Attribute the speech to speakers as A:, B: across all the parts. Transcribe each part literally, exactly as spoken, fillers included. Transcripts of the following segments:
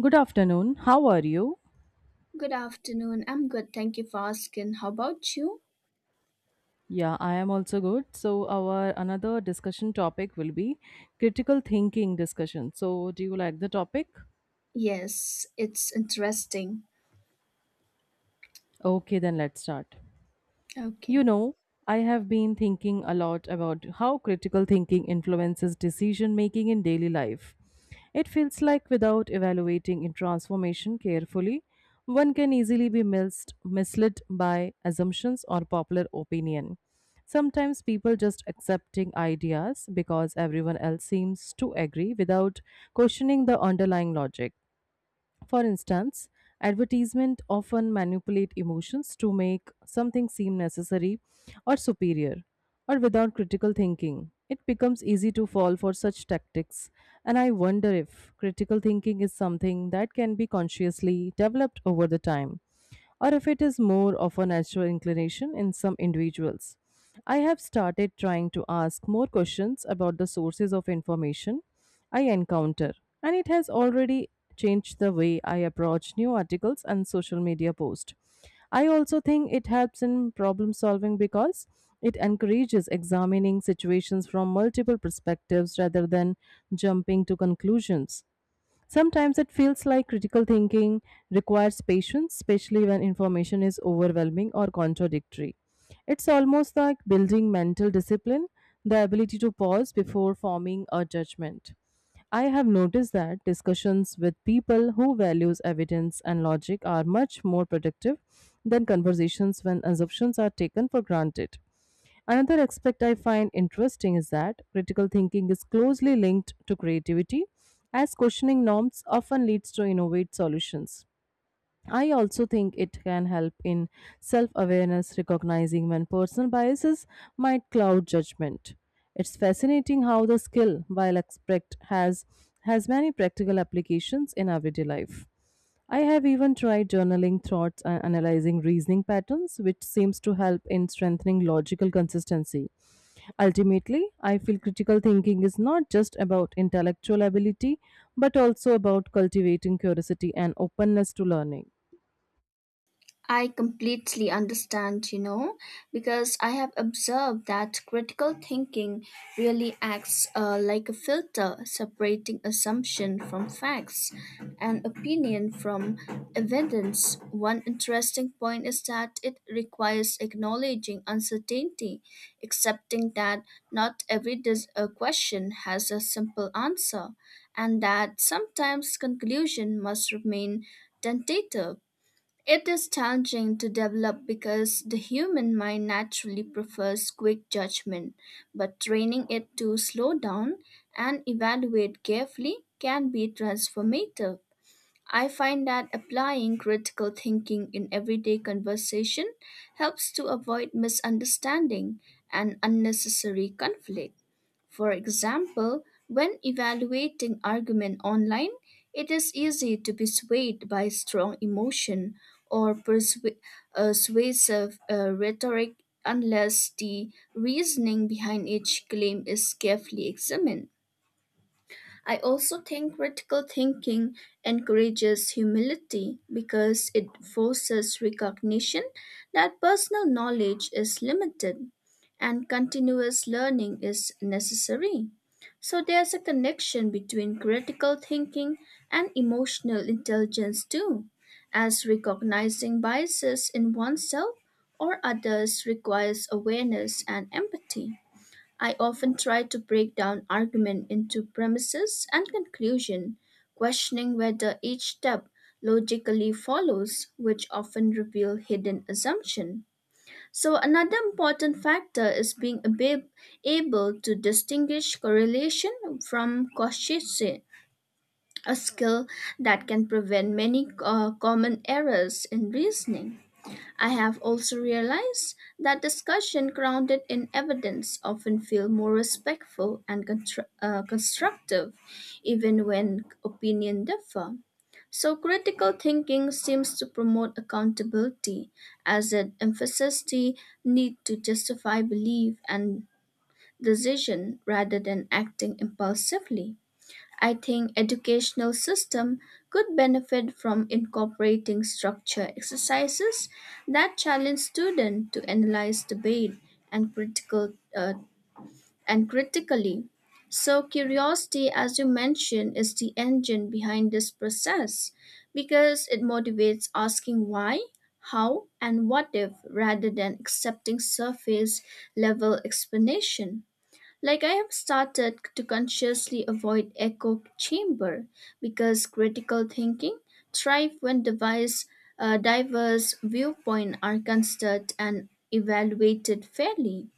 A: Good afternoon. How are you?
B: Good afternoon. I'm good. Thank you for asking. How about you?
A: Yeah, I am also good. So our another discussion topic will be critical thinking discussion. So do you like the topic?
B: Yes, it's interesting.
A: Okay, then let's start. You
B: Okay.
A: know, I have been thinking a lot about how critical thinking influences decision making in daily life. It feels like without evaluating in transformation carefully, one can easily be mis- misled by assumptions or popular opinion. Sometimes people just accepting ideas because everyone else seems to agree without questioning the underlying logic. For instance, advertisement often manipulate emotions to make something seem necessary or superior or without critical thinking. It becomes easy to fall for such tactics, and I wonder if critical thinking is something that can be consciously developed over the time or if it is more of a natural inclination in some individuals. I have started trying to ask more questions about the sources of information I encounter, and it has already changed the way I approach new articles and social media posts. I also think it helps in problem solving because it encourages examining situations from multiple perspectives rather than jumping to conclusions. Sometimes it feels like critical thinking requires patience, especially when information is overwhelming or contradictory. It's almost like building mental discipline, the ability to pause before forming a judgment. I have noticed that discussions with people who values evidence and logic are much more productive than conversations when assumptions are taken for granted. Another aspect I find interesting is that critical thinking is closely linked to creativity, as questioning norms often leads to innovative solutions. I also think it can help in self awareness, recognizing when personal biases might cloud judgment. It's fascinating how the skill, while expect, has, has many practical applications in everyday life. I have even tried journaling thoughts and analyzing reasoning patterns, which seems to help in strengthening logical consistency. Ultimately, I feel critical thinking is not just about intellectual ability, but also about cultivating curiosity and openness to learning.
B: I completely understand, you know, because I have observed that critical thinking really acts uh, like a filter separating assumption from facts and opinion from evidence. One interesting point is that it requires acknowledging uncertainty, accepting that not every dis- uh, question has a simple answer, and that sometimes conclusion must remain tentative. It is challenging to develop because the human mind naturally prefers quick judgment, but training it to slow down and evaluate carefully can be transformative. I find that applying critical thinking in everyday conversation helps to avoid misunderstanding and unnecessary conflict. For example, when evaluating argument online, it is easy to be swayed by strong emotion or persu- uh, persuasive uh, rhetoric unless the reasoning behind each claim is carefully examined. I also think critical thinking encourages humility because it forces recognition that personal knowledge is limited and continuous learning is necessary. So there's a connection between critical thinking and emotional intelligence too, as recognizing biases in oneself or others requires awareness and empathy. I often try to break down argument into premises and conclusion, questioning whether each step logically follows, which often reveal hidden assumption. So another important factor is being ab- able to distinguish correlation from causation, a skill that can prevent many uh, common errors in reasoning. I have also realized that discussion grounded in evidence often feel more respectful and contr- uh, constructive, even when opinion differ. So critical thinking seems to promote accountability as it emphasizes the need to justify belief and decision rather than acting impulsively. I think educational system could benefit from incorporating structure exercises that challenge students to analyze debate and critical uh, and critically. So curiosity, as you mentioned, is the engine behind this process because it motivates asking why, how, and what if rather than accepting surface level explanation. Like I have started to consciously avoid echo chamber because critical thinking thrive when device, uh, diverse viewpoints are considered and evaluated fairly.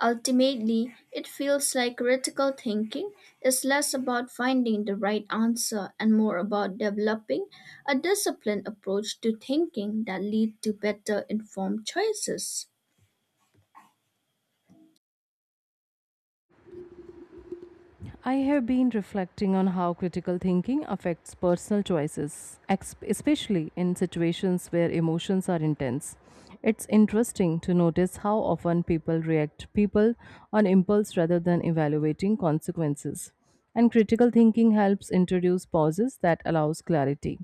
B: Ultimately, it feels like critical thinking is less about finding the right answer and more about developing a disciplined approach to thinking that lead to better informed choices.
A: I have been reflecting on how critical thinking affects personal choices, ex- especially in situations where emotions are intense. It's interesting to notice how often people react people on impulse rather than evaluating consequences. And critical thinking helps introduce pauses that allows clarity.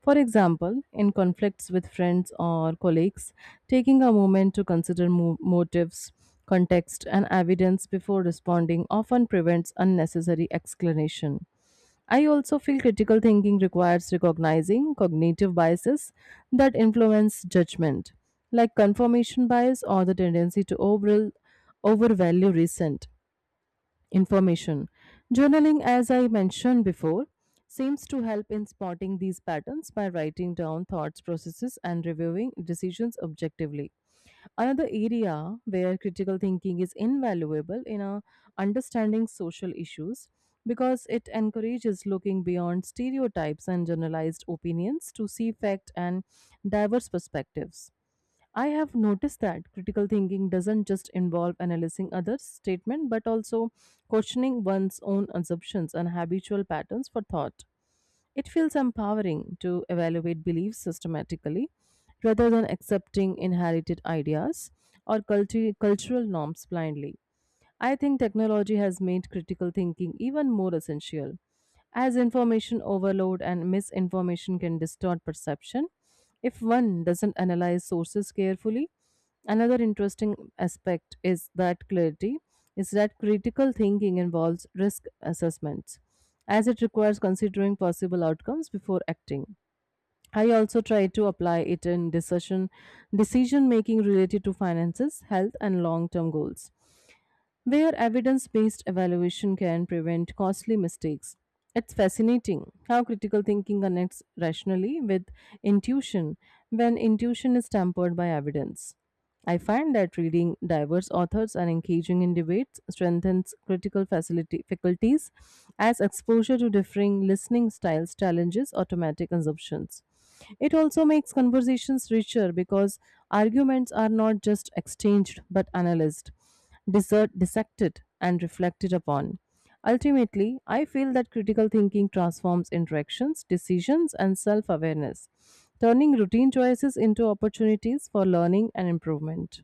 A: For example, in conflicts with friends or colleagues, taking a moment to consider mo- motives, context and evidence before responding often prevents unnecessary explanation. I also feel critical thinking requires recognizing cognitive biases that influence judgment, like confirmation bias or the tendency to over- overvalue recent information. Journaling, as I mentioned before, seems to help in spotting these patterns by writing down thoughts, processes, and reviewing decisions objectively. Another area where critical thinking is invaluable in uh, understanding social issues because it encourages looking beyond stereotypes and generalized opinions to see fact and diverse perspectives. I have noticed that critical thinking doesn't just involve analyzing others' statement but also questioning one's own assumptions and habitual patterns for thought. It feels empowering to evaluate beliefs systematically rather than accepting inherited ideas or culti- cultural norms blindly. I think technology has made critical thinking even more essential. As information overload and misinformation can distort perception, if one doesn't analyze sources carefully, another interesting aspect is that clarity is that critical thinking involves risk assessments, as it requires considering possible outcomes before acting. I also try to apply it in decision decision making related to finances, health, and long term goals where evidence based evaluation can prevent costly mistakes. It's fascinating how critical thinking connects rationally with intuition when intuition is tempered by evidence. I find that reading diverse authors and engaging in debates strengthens critical facility, faculties as exposure to differing listening styles challenges automatic assumptions. It also makes conversations richer because arguments are not just exchanged but analyzed, disser- dissected, and reflected upon. Ultimately, I feel that critical thinking transforms interactions, decisions, and self awareness, turning routine choices into opportunities for learning and improvement.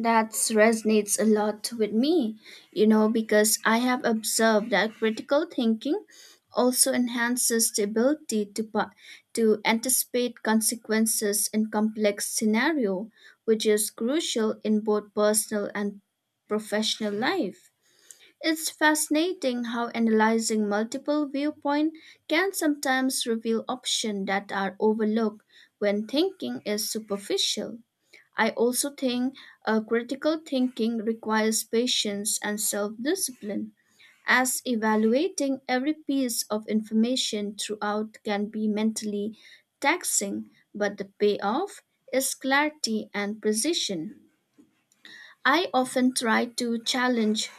B: That resonates a lot with me, you know, because I have observed that critical thinking also enhances the ability to, pa- to anticipate consequences in complex scenario, which is crucial in both personal and professional life. It's fascinating how analyzing multiple viewpoints can sometimes reveal options that are overlooked when thinking is superficial. I also think uh, critical thinking requires patience and self discipline, as evaluating every piece of information throughout can be mentally taxing, but the payoff is clarity and precision. I often try to challenge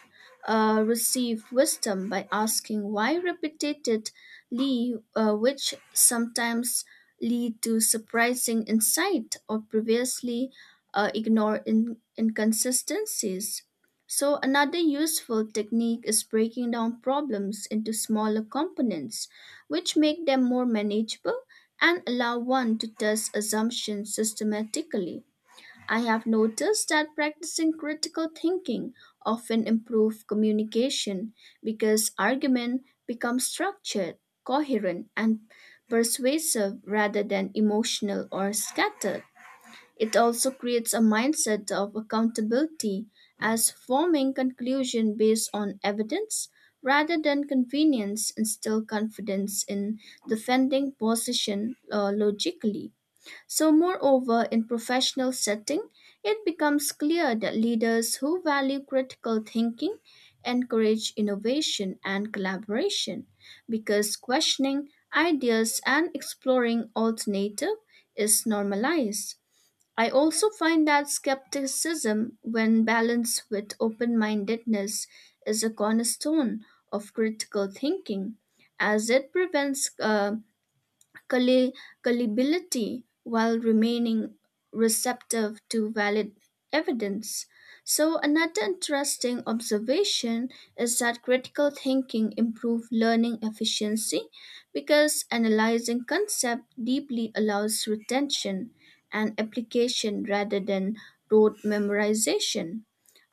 B: uh, received wisdom by asking why repeatedly, uh, which sometimes lead to surprising insight or previously uh, ignored in- inconsistencies. So, another useful technique is breaking down problems into smaller components, which make them more manageable and allow one to test assumptions systematically. I have noticed that practicing critical thinking often improves communication because argument becomes structured, coherent, and persuasive rather than emotional or scattered. It also creates a mindset of accountability as forming conclusion based on evidence rather than convenience instills confidence in defending position uh, logically. So, moreover, in professional setting, it becomes clear that leaders who value critical thinking encourage innovation and collaboration because questioning ideas and exploring alternative is normalized. I also find that skepticism, when balanced with open mindedness, is a cornerstone of critical thinking as it prevents uh, gulli- gullibility while remaining receptive to valid evidence. So, another interesting observation is that critical thinking improves learning efficiency because analyzing concept deeply allows retention and application rather than rote memorization.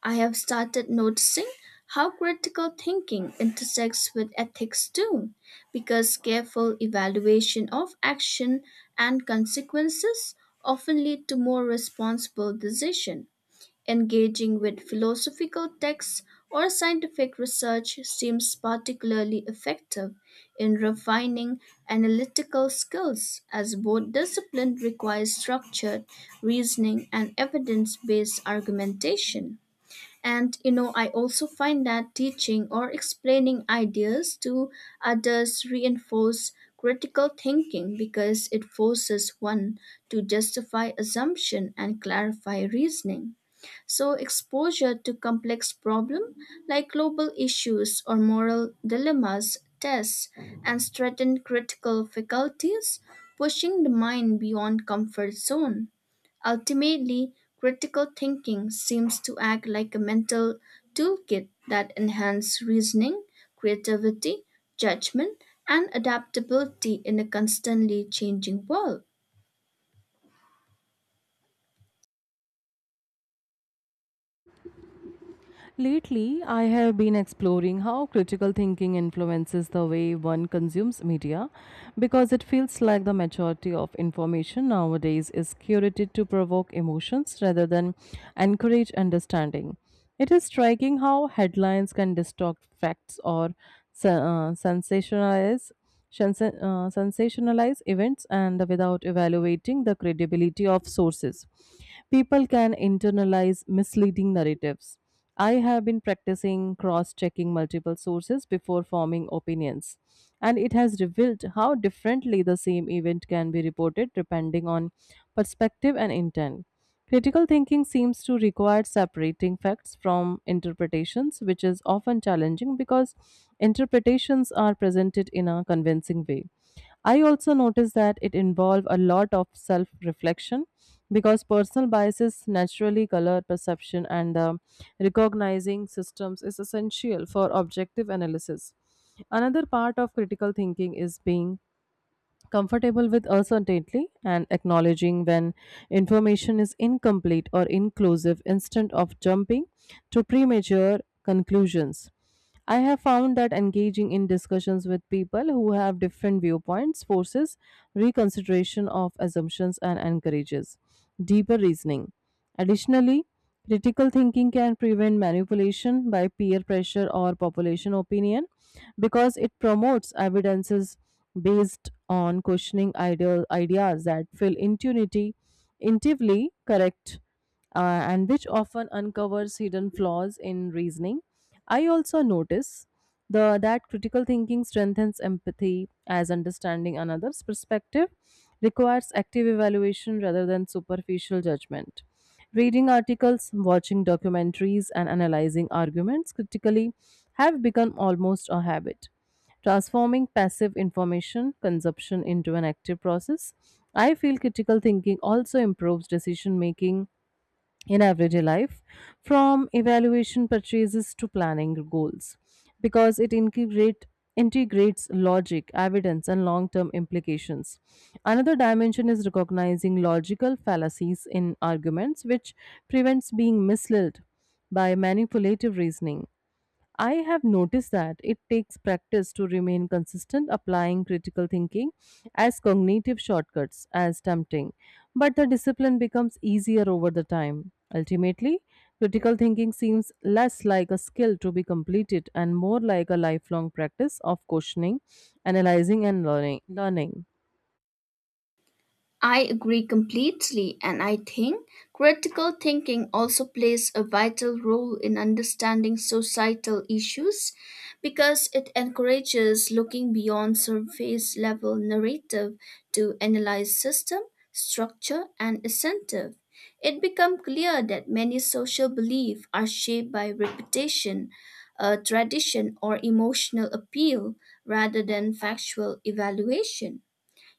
B: I have started noticing how critical thinking intersects with ethics too because careful evaluation of action and consequences often lead to more responsible decision. Engaging with philosophical texts or scientific research seems particularly effective in refining analytical skills as both discipline requires structured reasoning and evidence-based argumentation. And you know, I also find that teaching or explaining ideas to others reinforce critical thinking because it forces one to justify assumption and clarify reasoning. So exposure to complex problem like global issues or moral dilemmas tests and strengthen critical faculties, pushing the mind beyond comfort zone. Ultimately, critical thinking seems to act like a mental toolkit that enhances reasoning, creativity, judgment, and adaptability in a constantly changing world.
A: Lately, I have been exploring how critical thinking influences the way one consumes media because it feels like the majority of information nowadays is curated to provoke emotions rather than encourage understanding. It is striking how headlines can distort facts or se- uh, sensationalize shens- uh, sensationalize events and without evaluating the credibility of sources. People can internalize misleading narratives. I have been practicing cross checking multiple sources before forming opinions, and it has revealed how differently the same event can be reported depending on perspective and intent. Critical thinking seems to require separating facts from interpretations, which is often challenging because interpretations are presented in a convincing way. I also notice that it involves a lot of self reflection because personal biases naturally color perception, and um, recognizing systems is essential for objective analysis. Another part of critical thinking is being comfortable with uncertainty and acknowledging when information is incomplete or inclusive instead of jumping to premature conclusions. I have found that engaging in discussions with people who have different viewpoints forces reconsideration of assumptions and encourages deeper reasoning. Additionally, critical thinking can prevent manipulation by peer pressure or population opinion because it promotes evidences based on questioning ideal ideas that feel intuitively, intuitively correct, uh, and which often uncovers hidden flaws in reasoning. I also notice the that critical thinking strengthens empathy as understanding another's perspective requires active evaluation rather than superficial judgment. Reading articles, watching documentaries, and analyzing arguments critically have become almost a habit. Transforming passive information consumption into an active process, I feel critical thinking also improves decision making in everyday life from evaluation purchases to planning goals because it integrate integrates logic evidence and long-term implications. Another dimension is recognizing logical fallacies in arguments which prevents being misled by manipulative reasoning. I have noticed that it takes practice to remain consistent, applying critical thinking as cognitive shortcuts as tempting, but the discipline becomes easier over the time. Ultimately, critical thinking seems less like a skill to be completed and more like a lifelong practice of questioning, analyzing, and learning. learning.
B: I agree completely, and I think critical thinking also plays a vital role in understanding societal issues because it encourages looking beyond surface level narrative to analyze system, structure, and incentive. It becomes clear that many social beliefs are shaped by reputation, uh, tradition, or emotional appeal rather than factual evaluation.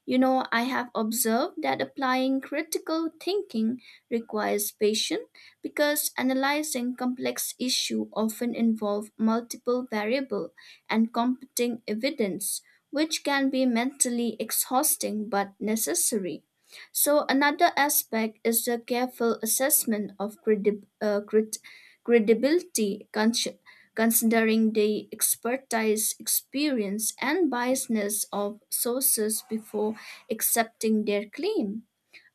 B: You know, I have observed that applying critical thinking requires patience because analyzing complex issues often involve multiple variables and competing evidence, which can be mentally exhausting but necessary. So, another aspect is the careful assessment of credi- uh, crit- credibility, considering the expertise, experience, and biasness of sources before accepting their claim.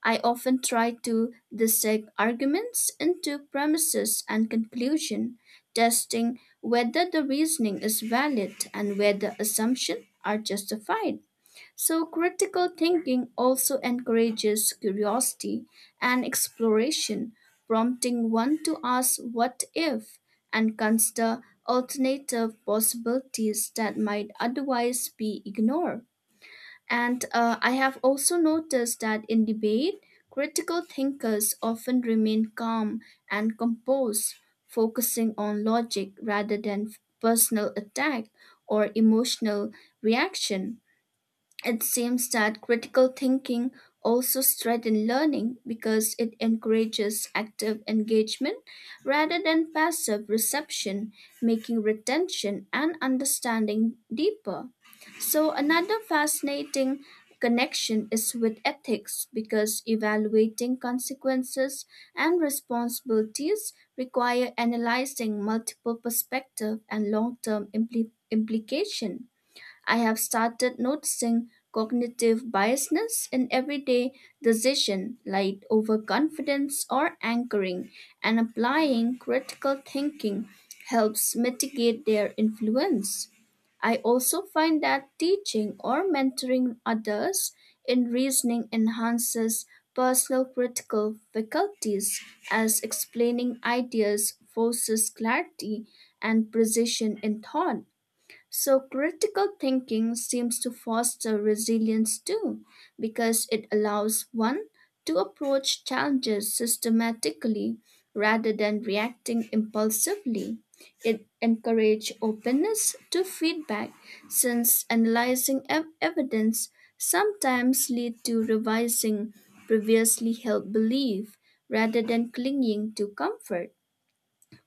B: I often try to dissect arguments into premises and conclusion, testing whether the reasoning is valid and whether assumptions are justified. So, critical thinking also encourages curiosity and exploration, prompting one to ask what if and consider alternative possibilities that might otherwise be ignored. And uh, I have also noticed that in debate, critical thinkers often remain calm and composed, focusing on logic rather than personal attack or emotional reaction. It seems that critical thinking also strengthens learning because it encourages active engagement rather than passive reception, making retention and understanding deeper. So, another fascinating connection is with ethics because evaluating consequences and responsibilities require analyzing multiple perspectives and long-term impli- implication. I have started noticing cognitive biasness in everyday decision like overconfidence or anchoring, and applying critical thinking helps mitigate their influence. I also find that teaching or mentoring others in reasoning enhances personal critical faculties as explaining ideas forces clarity and precision in thought. So, critical thinking seems to foster resilience too, because it allows one to approach challenges systematically rather than reacting impulsively. It encourages openness to feedback, since analyzing ev- evidence sometimes lead to revising previously held belief rather than clinging to comfort.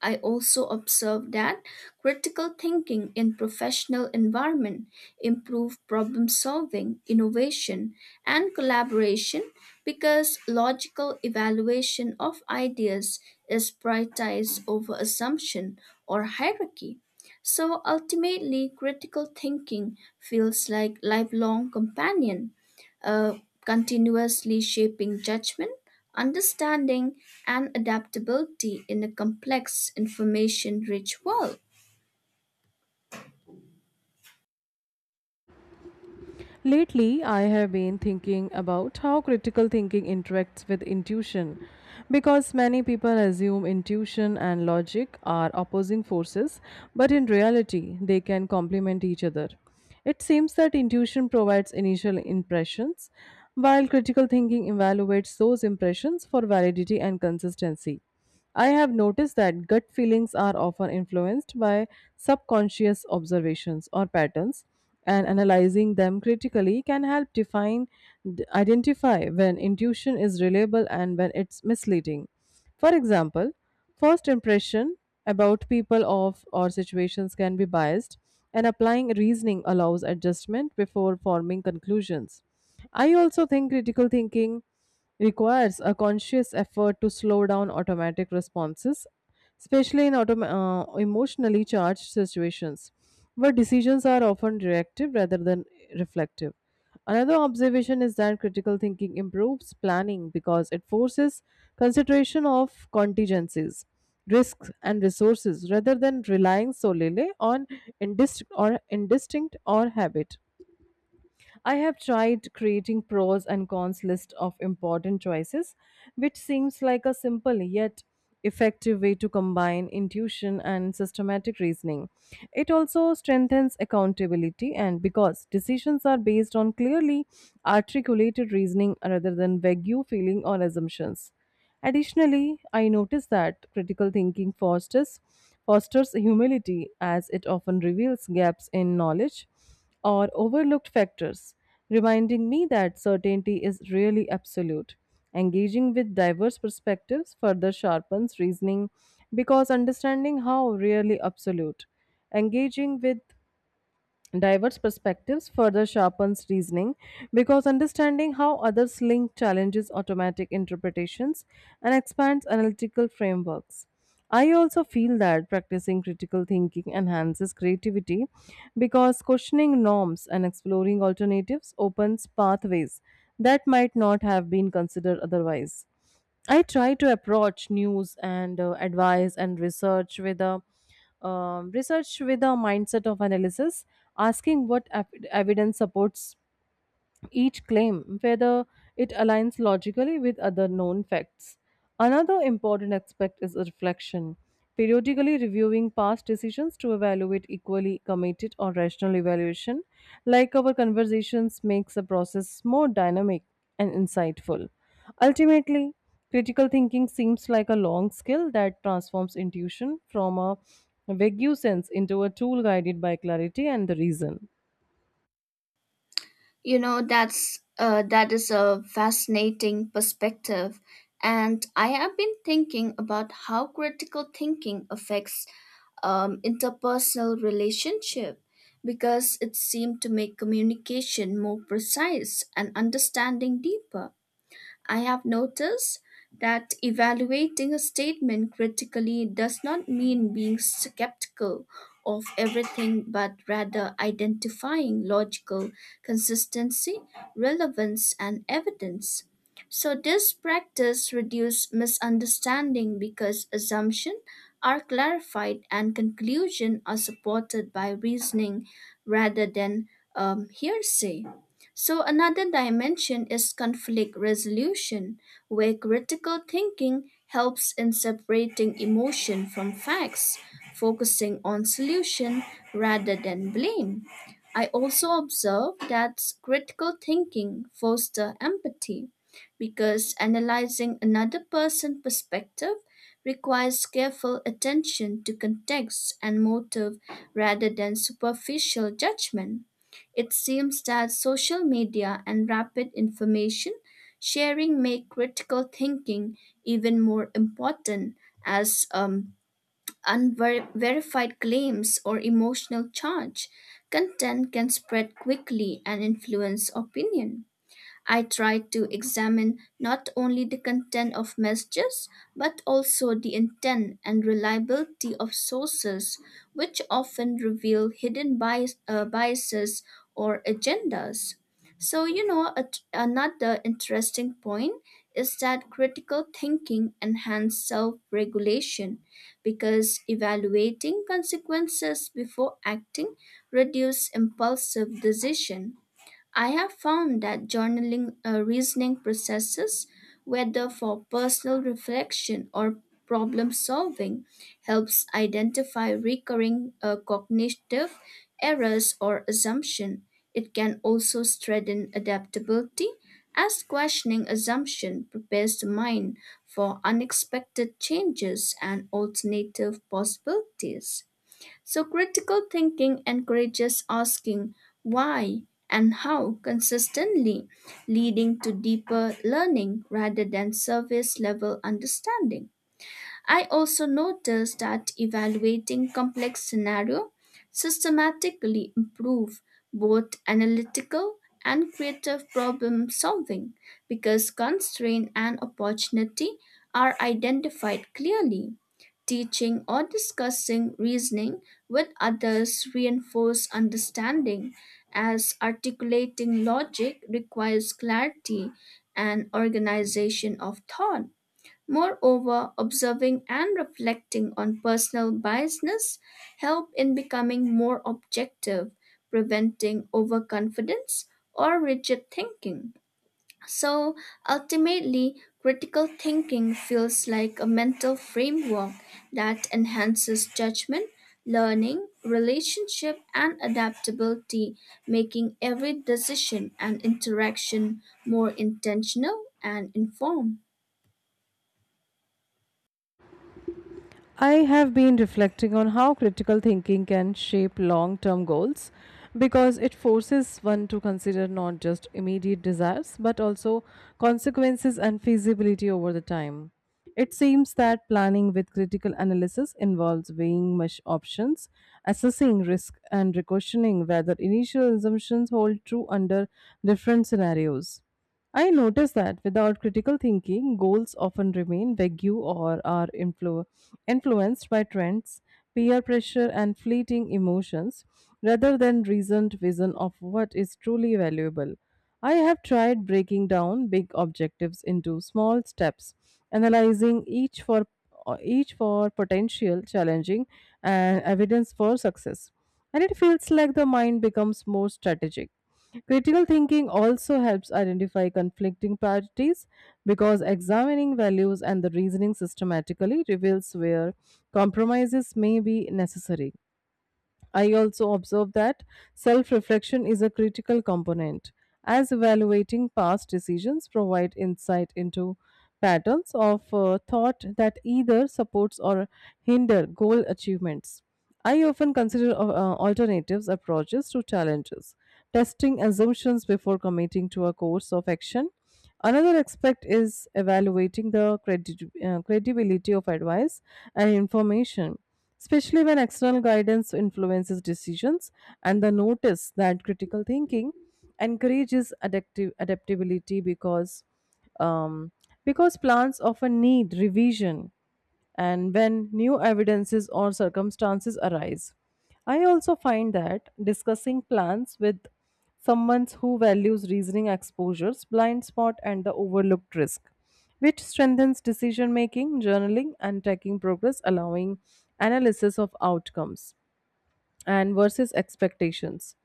B: I also observed that critical thinking in professional environment improve problem solving, innovation, and collaboration because logical evaluation of ideas is prioritized over assumption or hierarchy. So ultimately critical thinking feels like lifelong companion, uh, continuously shaping judgment, understanding, and adaptability in a complex, information rich world.
A: Lately, I have been thinking about how critical thinking interacts with intuition because many people assume intuition and logic are opposing forces, but in reality, they can complement each other. It seems that intuition provides initial impressions, while critical thinking evaluates those impressions for validity and consistency. I have noticed that gut feelings are often influenced by subconscious observations or patterns and analyzing them critically can help define d- identify when intuition is reliable and when it's misleading. For example, first impression about people of or situations can be biased and applying reasoning allows adjustment before forming conclusions. I also think critical thinking requires a conscious effort to slow down automatic responses, especially in autom- uh, emotionally charged situations where decisions are often reactive rather than reflective. Another observation is that critical thinking improves planning because it forces consideration of contingencies, risks, and resources rather than relying solely on indistinct or indistinct or habit. I have tried creating pros and cons list of important choices, which seems like a simple yet effective way to combine intuition and systematic reasoning. It also strengthens accountability and because decisions are based on clearly articulated reasoning rather than vague feeling or assumptions. Additionally, I noticed that critical thinking fosters fosters humility as it often reveals gaps in knowledge or overlooked factors, reminding me that certainty is really absolute. Engaging with diverse perspectives further sharpens reasoning because understanding how really absolute. Engaging with diverse perspectives further sharpens reasoning because understanding how others link challenges automatic interpretations and expands analytical frameworks. I also feel that practicing critical thinking enhances creativity because questioning norms and exploring alternatives opens pathways that might not have been considered otherwise. I try to approach news and uh, advice and research with a um, research with a mindset of analysis, asking what ev- evidence supports each claim, whether it aligns logically with other known facts. Another important aspect is reflection, periodically reviewing past decisions to evaluate equally committed or rational evaluation, like our conversations, makes the process more dynamic and insightful. Ultimately, critical thinking seems like a long skill that transforms intuition from a vague sense into a tool guided by clarity and the reason.
B: You know, that's uh, that is a fascinating perspective. And I have been thinking about how critical thinking affects um, interpersonal relationship because it seemed to make communication more precise and understanding deeper. I have noticed that evaluating a statement critically does not mean being skeptical of everything, but rather identifying logical consistency, relevance, and evidence. So, this practice reduces misunderstanding because assumptions are clarified and conclusions are supported by reasoning rather than um, hearsay. So, another dimension is conflict resolution, where critical thinking helps in separating emotion from facts, focusing on solution rather than blame. I also observe that critical thinking fosters empathy because analyzing another person's perspective requires careful attention to context and motive rather than superficial judgment. It seems that social media and rapid information sharing make critical thinking even more important as um, unverified claims or emotional charge. Content can spread quickly and influence opinion. I try to examine not only the content of messages, but also the intent and reliability of sources, which often reveal hidden bias, uh, biases or agendas. So, you know, a- another interesting point is that critical thinking enhances self regulation because evaluating consequences before acting reduces impulsive decision. I have found that journaling uh, reasoning processes, whether for personal reflection or problem solving, helps identify recurring uh, cognitive errors or assumption. It can also strengthen adaptability as questioning assumption prepares the mind for unexpected changes and alternative possibilities. So critical thinking encourages asking why and how consistently, leading to deeper learning rather than surface level understanding. I also noticed that evaluating complex scenario systematically improve both analytical and creative problem solving because constraint and opportunity are identified clearly. Teaching or discussing reasoning with others reinforce understanding as articulating logic requires clarity and organization of thought. Moreover, observing and reflecting on personal biasness help in becoming more objective, preventing overconfidence or rigid thinking. So ultimately, critical thinking feels like a mental framework that enhances judgment, learning, relationship, and adaptability, making every decision and interaction more intentional and informed.
A: I have been reflecting on how critical thinking can shape long term goals because it forces one to consider not just immediate desires but also consequences and feasibility over the time. It seems that planning with critical analysis involves weighing much options, assessing risk, and questioning whether initial assumptions hold true under different scenarios. I notice that without critical thinking, goals often remain vague or are influ- influenced by trends, peer pressure, and fleeting emotions rather than reasoned vision of what is truly valuable. I have tried breaking down big objectives into small steps, analyzing each for each for potential challenging and evidence for success. And it feels like the mind becomes more strategic. Critical thinking also helps identify conflicting priorities because examining values and the reasoning systematically reveals where compromises may be necessary. I also observe that self reflection is a critical component, as evaluating past decisions provide insight into patterns of uh, thought that either supports or hinder goal achievements. I often consider uh, uh, alternatives approaches to challenges, testing assumptions before committing to a course of action. Another aspect is evaluating the credi- uh, credibility of advice and information, especially when external guidance influences decisions, and the notice that critical thinking encourages adaptive adaptability because um, because plans often need revision and when new evidences or circumstances arise. I also find that discussing plans with someone who values reasoning exposures, blind spot, and the overlooked risk, which strengthens decision making, journaling, and tracking progress, allowing analysis of outcomes and versus expectations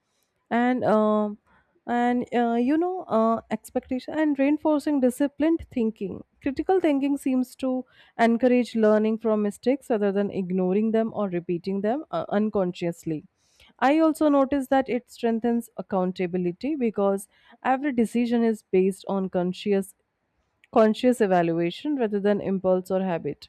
A: and um and uh, you know uh, expectation and reinforcing disciplined thinking. Critical thinking seems to encourage learning from mistakes rather than ignoring them or repeating them uh, unconsciously. I also notice that it strengthens accountability because every decision is based on conscious conscious evaluation rather than impulse or habit.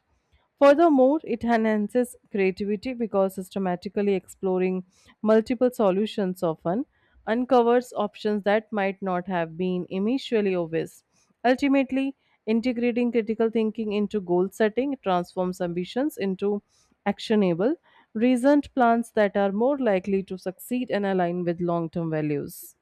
A: Furthermore, it enhances creativity because systematically exploring multiple solutions often uncovers options that might not have been initially obvious. Ultimately, integrating critical thinking into goal setting transforms ambitions into actionable, reasoned plans that are more likely to succeed and align with long term values.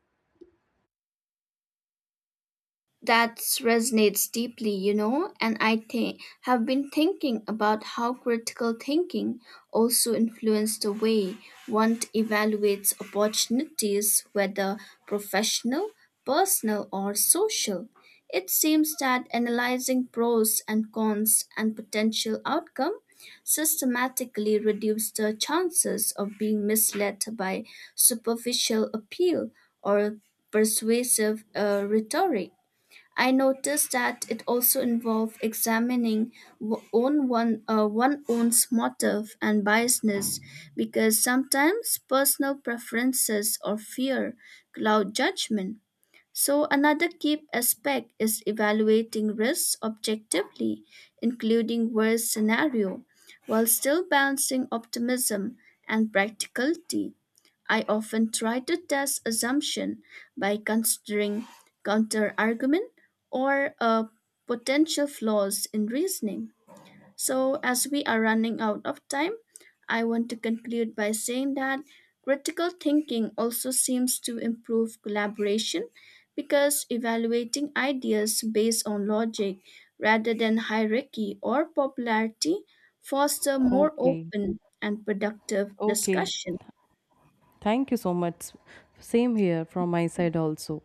B: That resonates deeply, you know, and I think have been thinking about how critical thinking also influences the way one evaluates opportunities, whether professional, personal, or social. It seems that analyzing pros and cons and potential outcome systematically reduces the chances of being misled by superficial appeal or persuasive uh, rhetoric. I noticed that it also involved examining w- own one uh, one own's motive and biasness, because sometimes personal preferences or fear cloud judgment. So, another key aspect is evaluating risks objectively, including worst scenario, while still balancing optimism and practicality. I often try to test assumption by considering counter argument or uh, potential flaws in reasoning. So, as we are running out of time, I want to conclude by saying that critical thinking also seems to improve collaboration because evaluating ideas based on logic rather than hierarchy or popularity foster more
A: Okay,
B: open and productive
A: okay.
B: discussion.
A: Thank you so much. Same here from my side also.